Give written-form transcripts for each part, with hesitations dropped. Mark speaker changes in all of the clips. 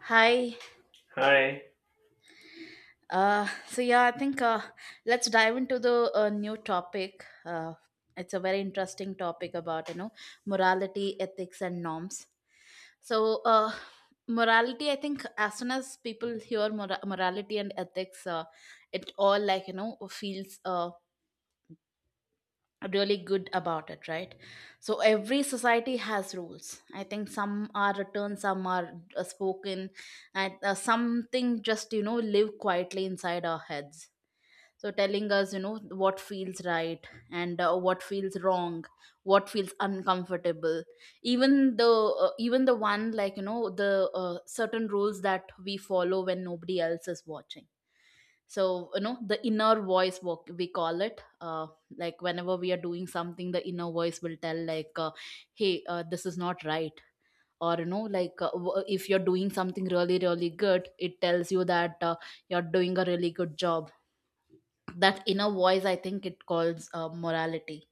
Speaker 1: Hi.
Speaker 2: Hi.
Speaker 1: I think let's dive into the new topic. It's a very interesting topic about morality, ethics, and norms. So morality, I think, as soon as people hear morality and ethics, it all feels really good about it, right? So every society has rules. I think some are written, some are spoken, and something just live quietly inside our heads so telling us what feels right and what feels wrong, what feels uncomfortable, even the even the one the certain rules that we follow when nobody else is watching. So the inner voice, what we call it, like whenever we are doing something the inner voice will tell like hey, this is not right, or if you're doing something really really good it tells you that you're doing a really good job. That inner voice, I think it calls morality,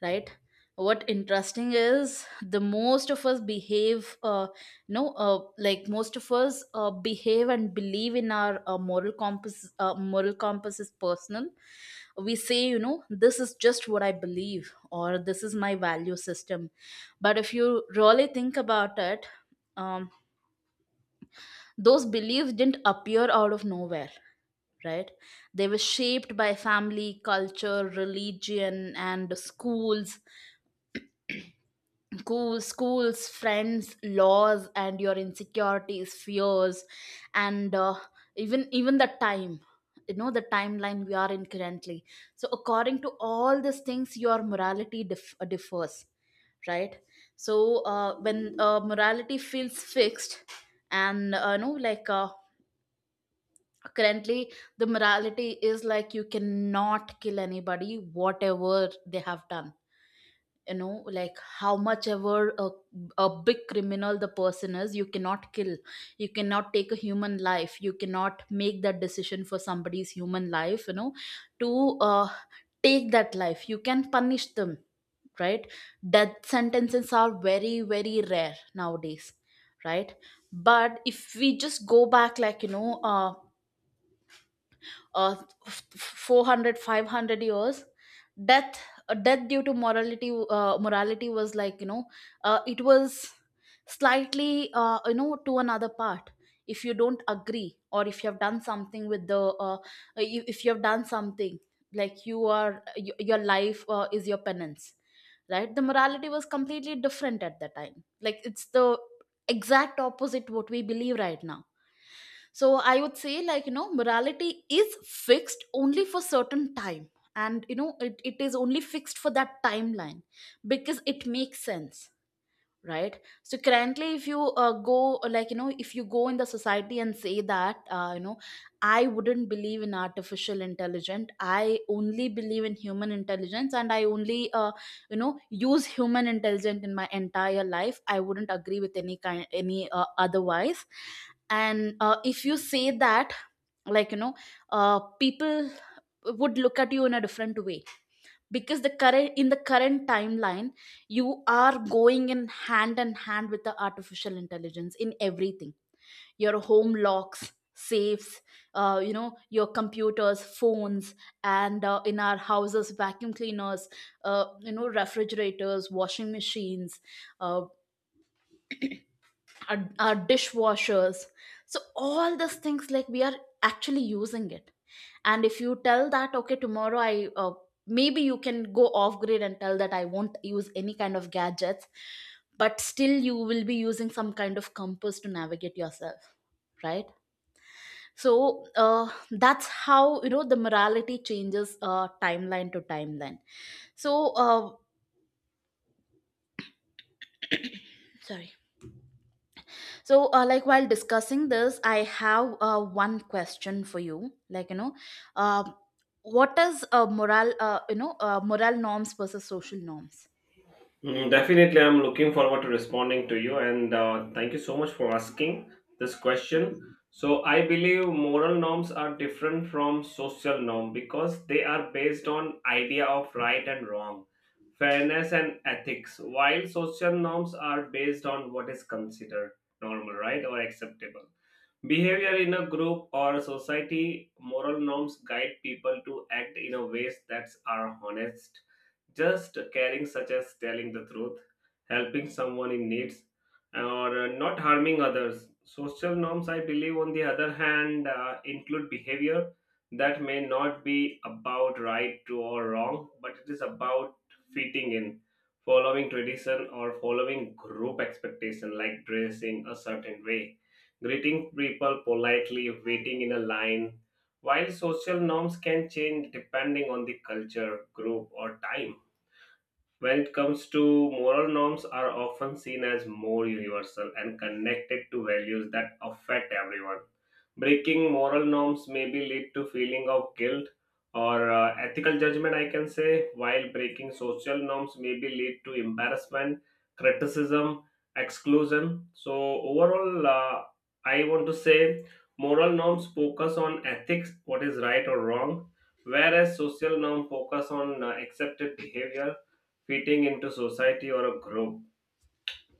Speaker 1: right? What interesting is the most of us behave no like most of us behave and believe in our moral compass. Moral compass is personal. We say this is just what I believe, or this is my value system. But if you really think about it, um, those beliefs didn't appear out of nowhere, right? They were shaped by family, culture, religion, and schools, cool schools, friends, laws, and your insecurities, fears, and even the time. You know the timeline we are in currently. So according to all these things, your morality differs, right? So when morality feels fixed, and currently the morality is like you cannot kill anybody whatever they have done, you know. Like how much ever a big criminal the person is, you cannot kill, you cannot take a human life, you cannot make that decision for somebody's human life, you know, to uh, take that life. You can punish them, right? Death sentences are very very rare nowadays, right? But if we just go back like uh, 400 500 years, death death due to morality, morality was like it was slightly to another part. If you don't agree, or if you have done something with the if you have done something, like you are your life is your penance, right? The morality was completely different at that time. Like it's the exact opposite what we believe right now. So I would say morality is fixed only for certain time, and you know it is only fixed for that timeline because it makes sense, right? So currently if you go like you know if you go in the society and say that I wouldn't believe in artificial intelligence, I only believe in human intelligence, and I only use human intelligence. In my entire life I wouldn't agree with any kind, any otherwise. And if you say that, like you know uh, people would look at you in a different way, because the current in the current timeline you are going in hand with the artificial intelligence in everything. Your home locks, safes, your computers, phones, and in our houses, vacuum cleaners, refrigerators, washing machines, uh, our dishwashers. So all these things, like we are actually using it. And if you tell that, okay, tomorrow I maybe you can go off grid and tell that I won't use any kind of gadgets, but still you will be using some kind of compass to navigate yourself, right? So uh, that's how you know the morality changes timeline to timeline. So uh, sorry. So like while discussing this I have one question for you, like you know uh, what is moral you know moral norms versus social norms?
Speaker 2: Mm, definitely, I'm looking forward to responding to you, and thank you so much for asking this question. So, I believe moral norms are different from social norm because they are based on idea of right and wrong, fairness and ethics, while social norms are based on what is considered normal, right, or acceptable. Behavior in a group or a society, moral norms guide people to act in a ways that are honest, just caring, such as telling the truth, helping someone in needs, or not harming others. Social norms, I believe, on the other hand, include behavior that may not be about right to or wrong, but it is about fitting in, following tradition or following group expectation, like dressing a certain way, greeting people politely, waiting in a line. While social norms can change depending on the culture, group, or time, when it comes to moral norms are often seen as more universal and connected to values that affect everyone. Breaking moral norms maybe lead to feeling of guilt or ethical judgment, I can say, while breaking social norms maybe lead to embarrassment, criticism, exclusion. So overall, I want to say moral norms focus on ethics, what is right or wrong, whereas social norm focus on accepted behavior, fitting into society or a group.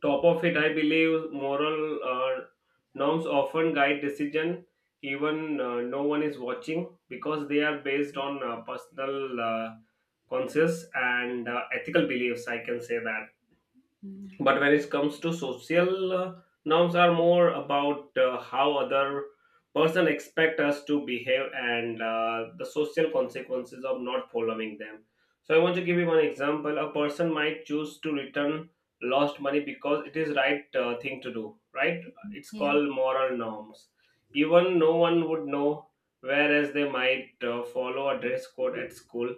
Speaker 2: Top of it, I believe moral norms often guide decision even no one is watching because they are based on personal conscious and ethical beliefs. I can say that,
Speaker 1: Mm,
Speaker 2: but when it comes to social norms are more about how other person expect us to behave and the social consequences of not following them. So I want to give you one example: a person might choose to return lost money because it is right thing to do, right?
Speaker 1: mm,
Speaker 2: It's
Speaker 1: yeah,
Speaker 2: called moral norms, even no one would know, whereas they might follow a dress code at school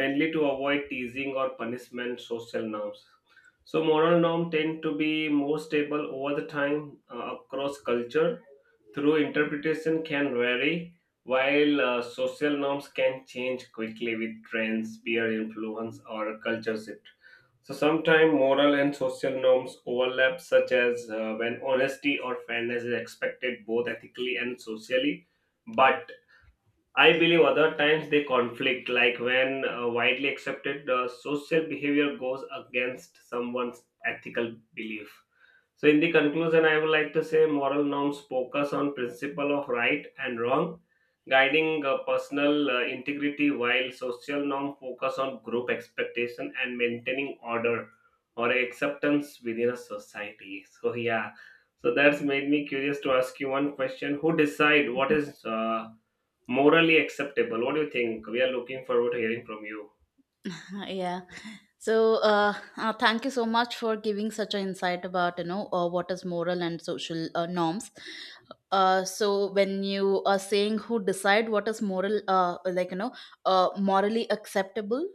Speaker 2: mainly to avoid teasing or punishment, social norms. So moral norms tend to be more stable over the time across culture, through interpretation can vary, while social norms can change quickly with trends, peer influence, or culture shift. So sometimes moral and social norms overlap, such as when honesty or fairness is expected both ethically and socially, but I believe other times they conflict, like when widely accepted social behavior goes against someone's ethical belief. So, in the conclusion, I would like to say moral norms focus on principle of right and wrong, guiding personal integrity, while social norm focus on group expectation and maintaining order or acceptance within a society. So, yeah, so that's made me curious to ask you one question: who decide what
Speaker 1: mm-hmm.
Speaker 2: is morally acceptable? What do you think? We are looking forward to hearing from you.
Speaker 1: Yeah. So, thank you so much for giving such an insight about, you know, what is moral and social norms. So when you are saying who decide what is moral, morally acceptable,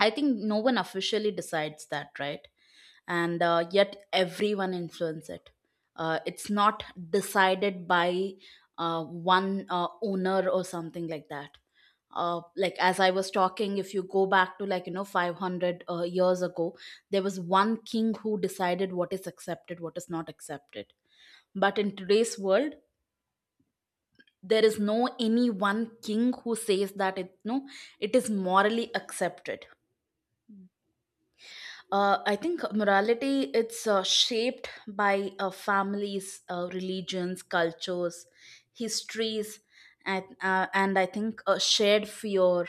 Speaker 1: I think no one officially decides that, right? And yet everyone influence it. It's not decided by one owner or something like that. Like as I was talking, if you go back to 500 years ago, there was one king who decided what is accepted, what is not accepted. But in today's world, there is no any one king who says that it, no, it is morally accepted. I think morality, it's shaped by families, religions, cultures, histories, and I think a shared fear,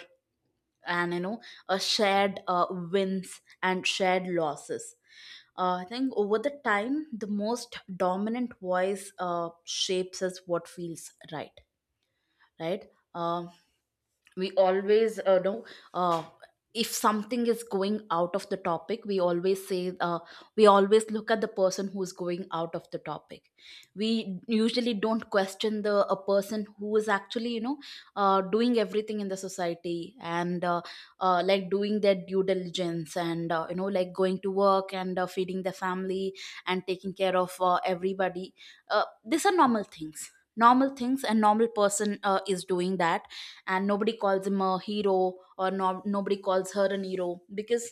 Speaker 1: and a shared wins and shared losses. I think over the time, the most dominant voice shapes us what feels right, right? Um, we always know uh, if something is going out of the topic, we always say we always look at the person who's going out of the topic. We usually don't question the a person who is actually doing everything in the society, and like doing their due diligence, and like going to work, and feeding the family, and taking care of everybody. These are normal things, normal things, and normal person is doing that, and nobody calls him a hero, or no, nobody calls her an hero, because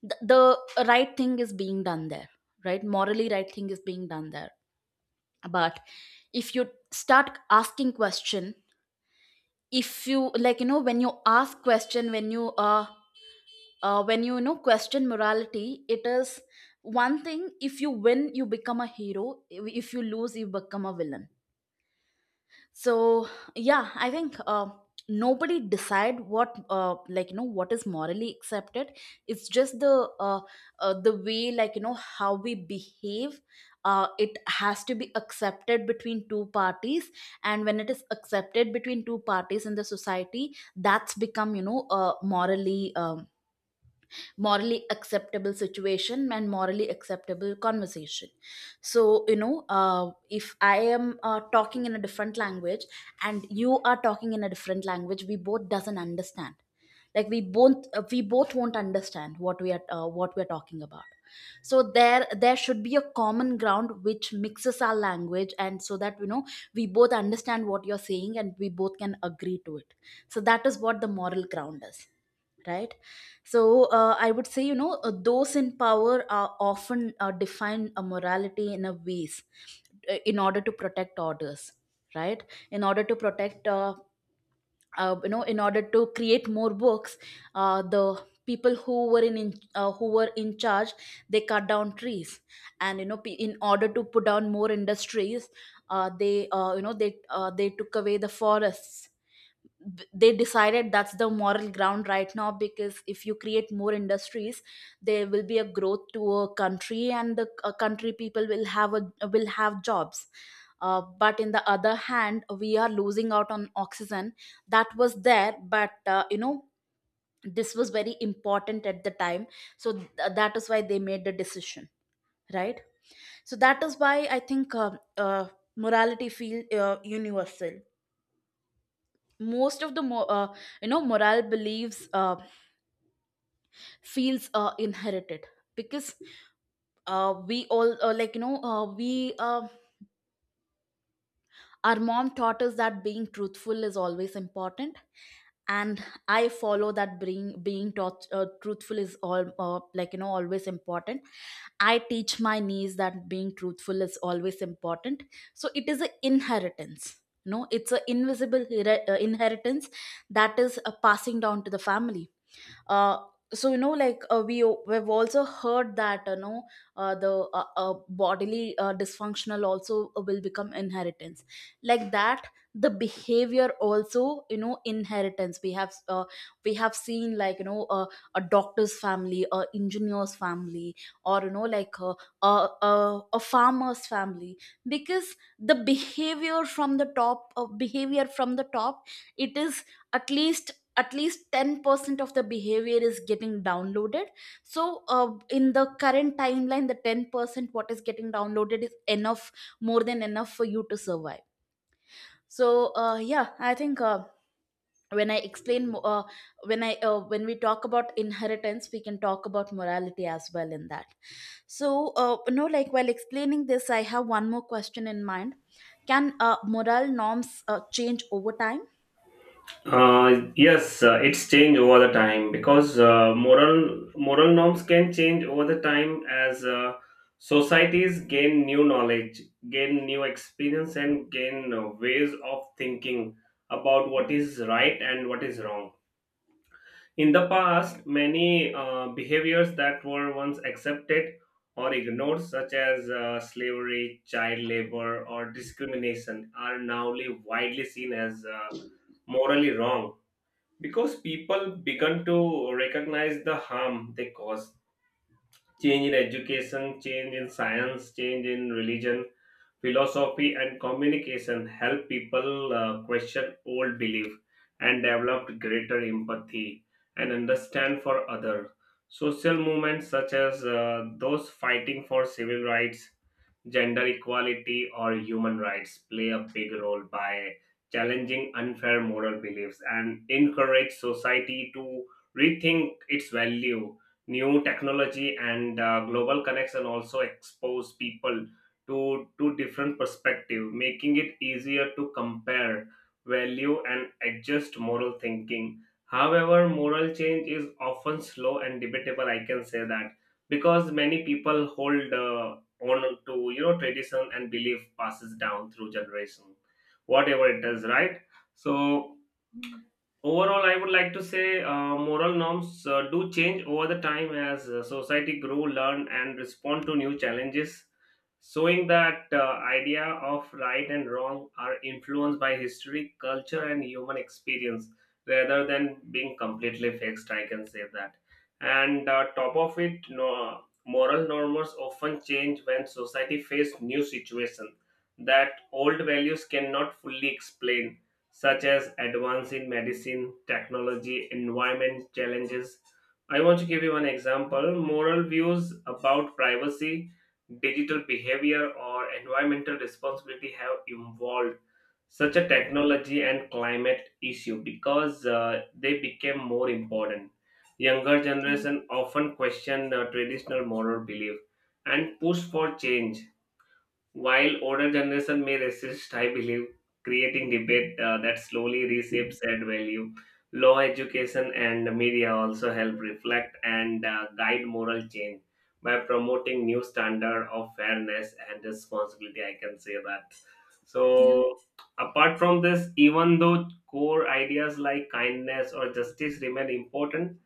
Speaker 1: the right thing is being done there, right? Morally right thing is being done there. But if you start asking question, if you like you know when you ask question, when you know question morality, it is one thing. If you win you become a hero, if you lose you become a villain. So yeah, I think nobody decide what, what is morally accepted. It's just the way, how we behave. It has to be accepted between two parties, and when it is accepted between two parties in the society, that's become morally acceptable situation and morally acceptable conversation. So if I am talking in a different language and you are talking in a different language, we both doesn't understand, like we both won't understand what we are talking about. So there should be a common ground which mixes our language, and so that you know we both understand what you're saying and we both can agree to it. So that is what the moral ground is, right? So I would say you know those in power are often define a morality in a ways in order to protect orders, right? In order to protect in order to create more books. The people who were in who were in charge, they cut down trees, and in order to put down more industries, they took away the forests. They decided that's the moral ground right now, because if you create more industries there will be a growth to a country, and the country people will have a will have jobs. But in the other hand we are losing out on oxygen that was there. But this was very important at the time. So that is why they made the decision, right? So that is why I think uh, morality feel universal. Most of the moral beliefs feels inherited, because we all like you know we our mom taught us that being truthful is always important, and I follow that, being taught truthful is all like you know always important. I teach my niece that being truthful is always important. So it is an inheritance, no, it's an invisible inheritance that is passing down to the family. uh, so we we've also heard that you know the bodily dysfunctional also will become inheritance. Like that, the behavior also, you know, inheritance. We have we have seen a doctor's family, a engineer's family, or a, a farmer's family. Because the behavior from the top behavior from the top, it is at least, at least 10% of the behavior is getting downloaded. So In the current timeline, the 10% what is getting downloaded is enough, more than enough for you to survive. So yeah, I think when when I when we talk about inheritance, we can talk about morality as well in that. So you know, like while explaining this, I have one more question in mind. Can moral norms change over time?
Speaker 2: Yes, it's changed over the time because moral norms can change over the time as societies gain new knowledge, gain new experience, and gain ways of thinking about what is right and what is wrong. In the past, many behaviors that were once accepted or ignored, such as slavery, child labor, or discrimination, are now widely seen as morally wrong because people began to recognize the harm they cause. Change in education, change in science, change in religion, philosophy, and communication help people question old belief and develop greater empathy and understand for other. Social movements such as those fighting for civil rights, gender equality, or human rights play a big role by challenging unfair moral beliefs and encourage society to rethink its value. New technology and global connection also expose people to different perspective, making it easier to compare value and adjust moral thinking. However, moral change is often slow and debatable. I can say that because many people hold on to tradition and belief passes down through generation, whatever it is, right? So overall, I would like to say moral norms do change over the time as society grow, learn, and respond to new challenges, showing that idea of right and wrong are influenced by history, culture, and human experience rather than being completely fixed. I can say that. And top of it, no, moral norms often change when society face new situation that old values cannot fully explain, such as advance in medicine, technology, environment challenges. I want to give you one example. Moral views about privacy, digital behavior, or environmental responsibility have evolved such a technology and climate issue because they became more important. Younger generation often question traditional moral belief and push for change, while older generation may resist, I believe, creating debate that slowly reshapes said value. Law, education, and media also help reflect and guide moral change by promoting new standard of fairness and responsibility. I can say that.
Speaker 1: Yeah.
Speaker 2: So, apart from this, even though core ideas like kindness or justice remain important,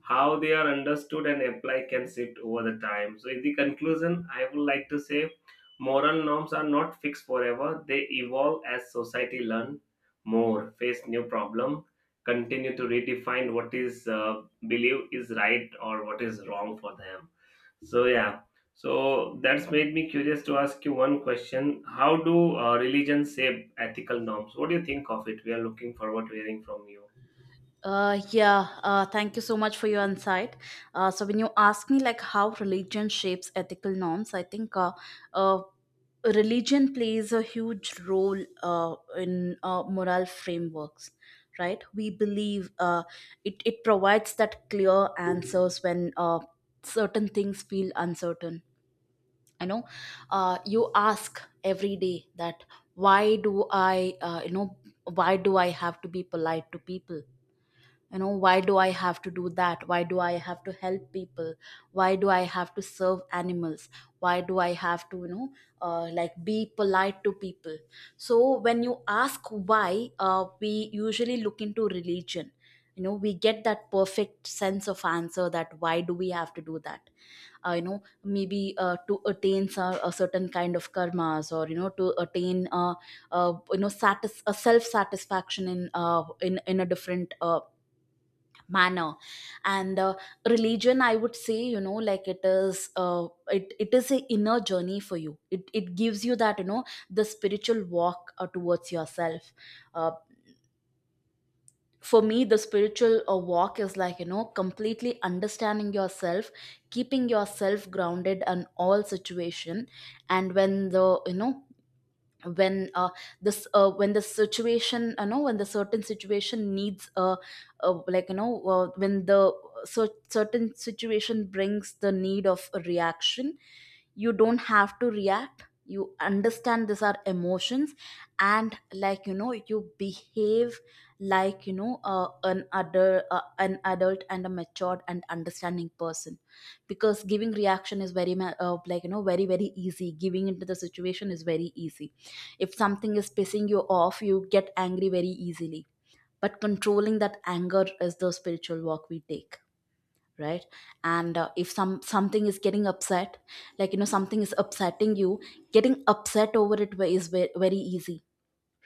Speaker 2: how they are understood and applied can shift over the time. So, in the conclusion, I would like to say moral norms are not fixed forever, they evolve as society learn more, face new problem, continue to redefine what is believed is right or what is wrong for them. So, yeah. So that's made me curious to ask you one question. How do religion shape ethical norms? What do you think of it? We are looking forward to hearing from you.
Speaker 1: Yeah, thank you so much for your insight. So when you ask me like how religion shapes ethical norms, I think uh, religion plays a huge role in moral frameworks, right? We believe it provides that clear answers when certain things feel uncertain. I know you ask every day that why do I, you know, why do I have to be polite to people? You know, why do I have to do that? Why do I have to help people? Why do I have to serve animals? Why do I have to, you know, like be polite to people? So when you ask why, we usually look into religion. You know, we get that perfect sense of answer that why do we have to do that. You know, maybe to attain a certain kind of karmas, or you know, to attain you know, a self satisfaction in in a different manner. And religion, I would say, you know, like it is a inner journey for you. It gives you that, you know, the spiritual walk towards yourself. uh, for me, the spiritual walk is like, you know, completely understanding yourself, keeping yourself grounded in all situation. And when the, you know, when uh, when the situation, you know, when the certain situation needs like, you know, when the certain situation brings the need of a reaction, you don't have to react. You understand these are emotions. And like, you know, you behave like, you know, an adult and a matured and understanding person. Because giving reaction is like, you know, very, very easy. Giving into the situation is very easy. If something is pissing you off, you get angry very easily. But controlling that anger is the spiritual walk we take, right? And if something is getting upset, like, you know, something is upsetting you, getting upset over is very easy,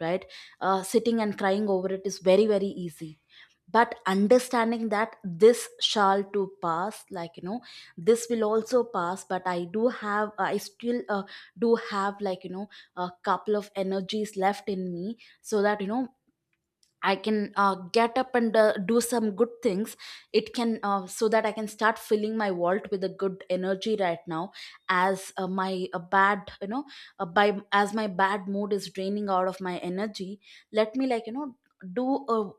Speaker 1: right? Sitting and crying over it is very, very easy. But understanding that this shall to pass, like you know, this will also pass, but I do have I still do have, like you know, a couple of energies left in me. So that, you know, I can get up and do some good things. It can So that I can start filling my vault with a good energy right now. As my bad you know by as my bad mood is draining out of my energy, let me, like you know, do a,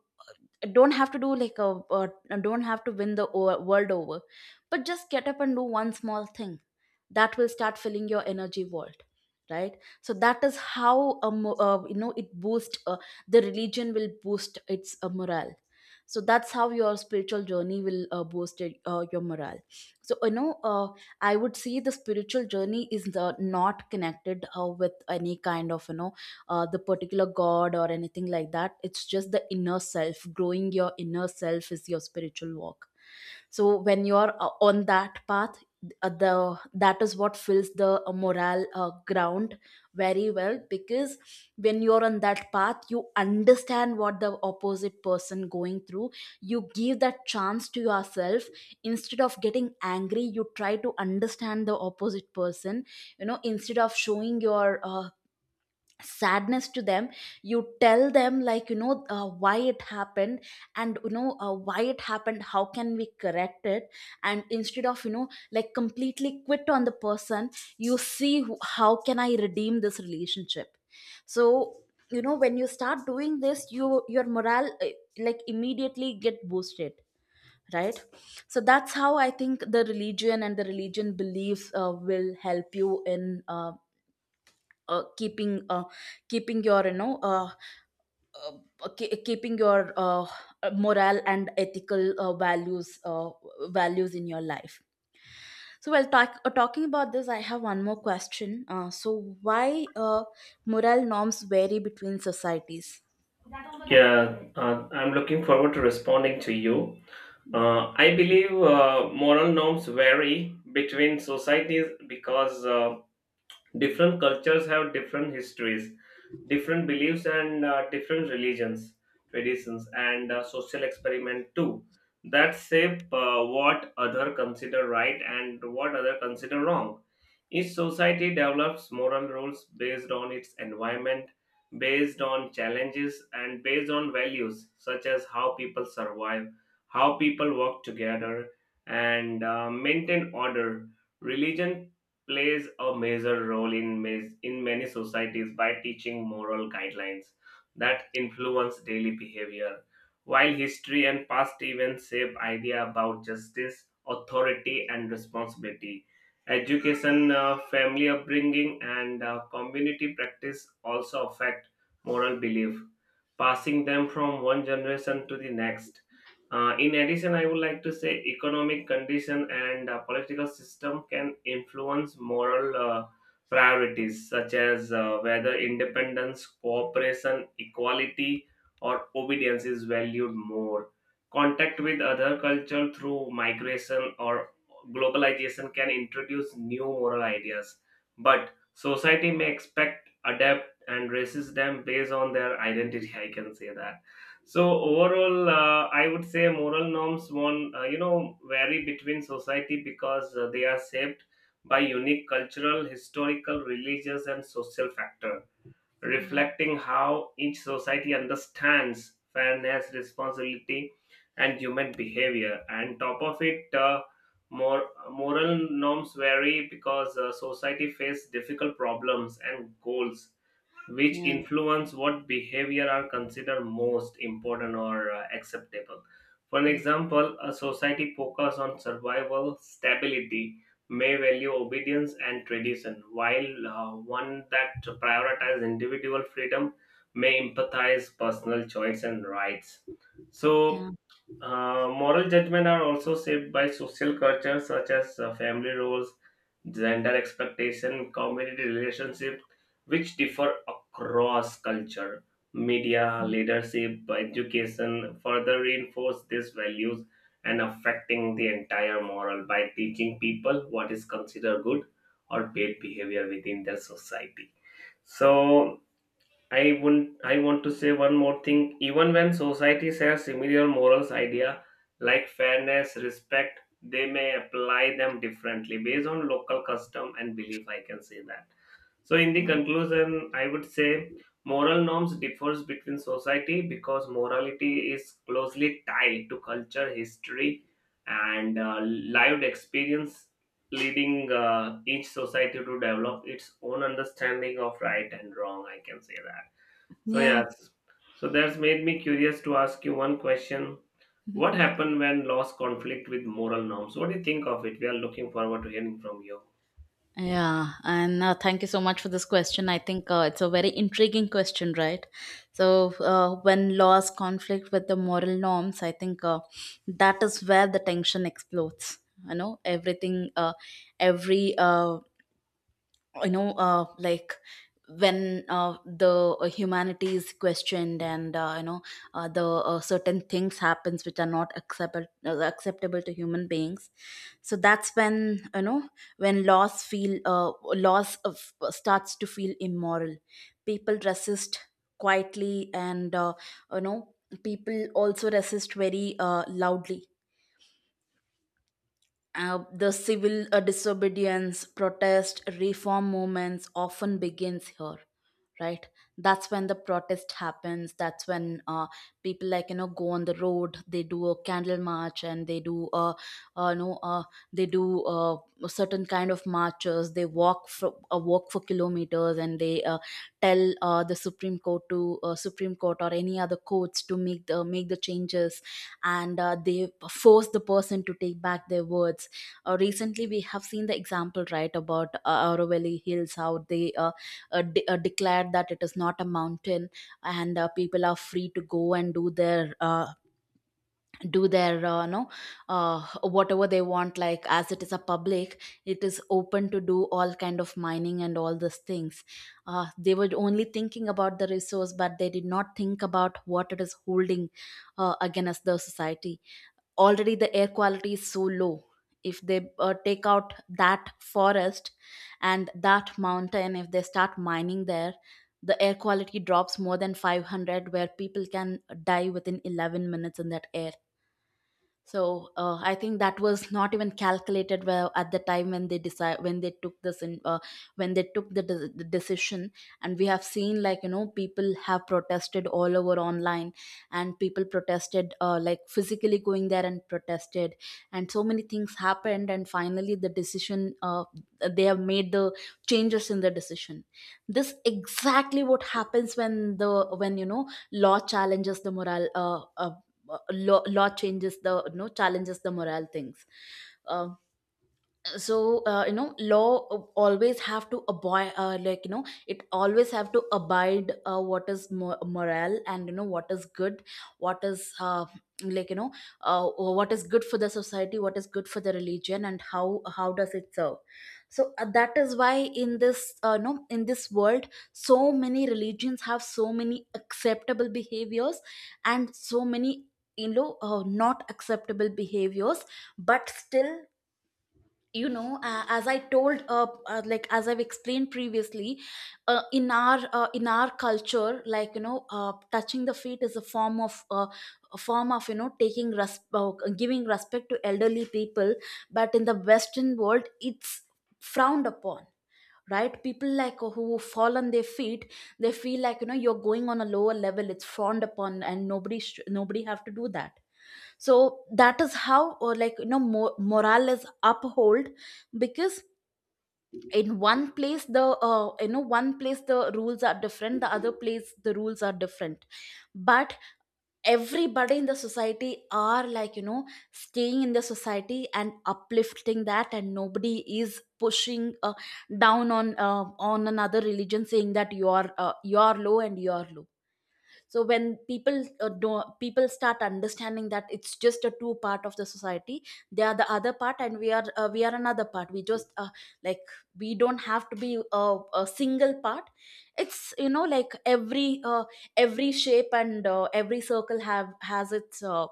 Speaker 1: don't have to do like a, don't have to win the world over, but just get up and do one small thing that will start filling your energy vault, right? So that is how you know, it boosts the religion will boost its morale. So that's how your spiritual journey will boost your morale. So you know, I would say the spiritual journey is the, not connected with any kind of, you know, the particular god or anything like that. It's just the inner self. Growing your inner self is your spiritual walk. So when you're on that path, the that is what fills the morale ground very well, because when you're on that path, you understand what the opposite person going through. You give that chance to yourself. Instead of getting angry, you try to understand the opposite person. You know, instead of showing your sadness to them, you tell them, like you know, why it happened. And you know, why it happened, how can we correct it. And instead of, you know, like completely quit on the person, you see how can I redeem this relationship. So you know, when you start doing this, you your morale like immediately get boosted, right? So that's how I think the religion and the religion beliefs will help you in keeping keeping your, you know, keeping your moral and ethical values values in your life. So while talking about this, I have one more question. So why moral norms vary between societies?
Speaker 2: Yeah, I'm looking forward to responding to you. I believe moral norms vary between societies because different cultures have different histories, different beliefs, and different religions, traditions, and social experiment too that shape what other consider right and what other consider wrong. Each society develops moral rules based on its environment, based on challenges, and based on values such as how people survive, how people work together, and maintain order. Religion plays a major role in, in many societies by teaching moral guidelines that influence daily behavior. While history and past events shape idea about justice, authority, and responsibility, education, family upbringing, and community practice also affect moral belief, passing them from one generation to the next. In addition, I would like to say economic condition and political system can influence moral priorities such as whether independence, cooperation, equality, or obedience is valued more. Contact with other culture through migration or globalization can introduce new moral ideas, but society may expect, adapt, and resist them based on their identity. I can say that. So overall, I would say moral norms one vary between society because they are shaped by unique cultural, historical, religious, and social factor,
Speaker 1: Yeah,
Speaker 2: reflecting how each society understands fairness, responsibility, and human behavior. And top of it, more moral norms vary because society face difficult problems and goals which
Speaker 1: yeah,
Speaker 2: influence what behavior are considered most important or acceptable. For an example, a society focused on survival stability may value obedience and tradition, while one that prioritizes individual freedom may empathize personal choice and rights.
Speaker 1: yeah,
Speaker 2: So moral judgment are also shaped by social culture such as family roles, gender expectation, community relationships, which differ across culture. Media, leadership, education further reinforce these values and affecting the entire moral by teaching people what is considered good or bad behavior within their society. So I wouldn't I want to say one more thing. Even when society shares similar morals idea like fairness, respect, they may apply them differently based on local custom and belief. I can say that. So in the conclusion, I would say moral norms differs between society because morality is closely tied to culture, history, and lived experience, leading each society to develop its own understanding of right and wrong. I can say that. So
Speaker 1: yeah,
Speaker 2: yes, so that's made me curious to ask you one question.
Speaker 1: yeah.
Speaker 2: What happened when laws conflict with moral norms? What do you think of it? We are looking forward to hearing from you.
Speaker 1: Yeah, and thank you so much for this question. I think it's a very intriguing question, right? So, when laws conflict with the moral norms, I think that is where the tension explodes. You know, everything, every you know like when the humanity is questioned, and you know, the certain things happens which are not acceptable, acceptable to human beings. So that's when, you know, when loss feel loss of, starts to feel immoral, people resist quietly, and you know, people also resist very loudly. The civil disobedience protest reform movements often begins here, right? That's when the protest happens. That's when people, like you know, go on the road. They do a candle march, and they do no they do a certain kind of marches. They walk for walk for kilometers, and they tell the supreme court to supreme court or any other courts to make the changes. And they force the person to take back their words. Recently, we have seen the example, right, about Aravalli Hills, how they declared that it is not a mountain, and people are free to go and do their no whatever they want, like as it is a public, it is open to do all kind of mining and all these things. They were only thinking about the resource, but they did not think about what it is holding against the society. Already the air quality is so low. If they take out that forest and that mountain, if they start mining there, the air quality drops more than 500, where people can die within 11 minutes in that air. So I think that was not even calculated well at the time when they decide, when they took this in when they took the decision. And we have seen, like you know, people have protested all over online, and people protested like physically going there and protested, and so many things happened, and finally the decision they have made the changes in the decision. This exactly what happens when the when, you know, law challenges the moral law changes the no challenges the morale things. uh, so you know, law always have to abide like you know, it always have to abide what is moral and, you know, what is good, what is like you know, what is good for the society, what is good for the religion, and how does it serve. So that is why in this no in this world, so many religions have so many acceptable behaviors, and so many, you know, not acceptable behaviors. But still, you know, as I told like as I've explained previously, in our culture, like you know, touching the feet is a form of a form of, you know, taking giving respect to elderly people. But in the western world, it's frowned upon, right? People like who fall on their feet, they feel like you know, you're going on a lower level. It's frowned upon, and nobody have to do that. So that is how, or like you know, morale is upheld. Because in one place the you know, one place the rules are different, the other place the rules are different. But everybody in the society are, like you know, staying in the society and uplifting that, and nobody is pushing down on another religion saying that you are low and you are low. So when people start understanding that it's just a two part of the society. They are the other part, and we are another part. We just like, we don't have to be a single part. It's you know, like every shape and every circle have has its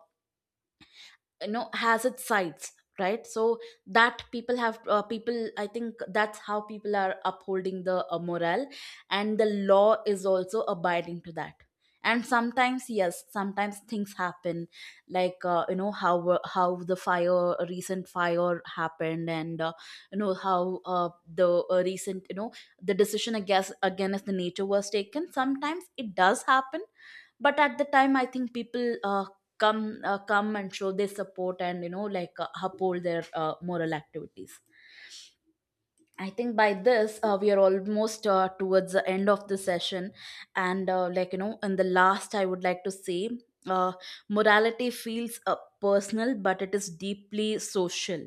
Speaker 1: you know, has its sides, right? So that people have people, I think that's how people are upholding the morale. And the law is also abiding to that. And sometimes yes, sometimes things happen, like you know, how the fire recent fire happened. And you know how the recent, you know, the decision against the nature was taken, sometimes it does happen. But at the time, I think people come and show their support, and you know, like uphold their moral activities. I think by this we are almost towards the end of the session. And like you know, in the last I would like to say, uh, morality feels personal, but it is deeply social.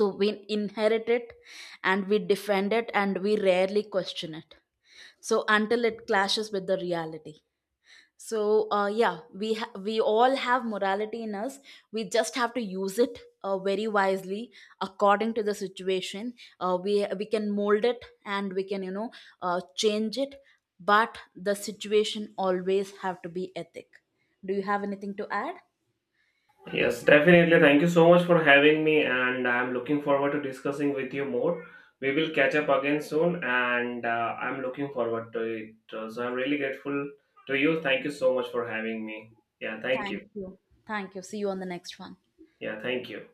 Speaker 1: So we inherit it, and we defend it, and we rarely question it, so until it clashes with the reality. So yeah, we all have morality in us. We just have to use it very wisely according to the situation. We can mold it, and we can, you know, change it, but the situation always have to be ethic. Do you have anything to add?
Speaker 2: Yes, definitely. Thank you so much for having me, and I'm looking forward to discussing with you more. We will catch up again soon, and I'm looking forward to it. So I'm really grateful to you. Thank you so much for having me. Yeah, thank
Speaker 1: Thank
Speaker 2: you.
Speaker 1: you. Thank you. See you on the next one.
Speaker 2: Yeah, thank you.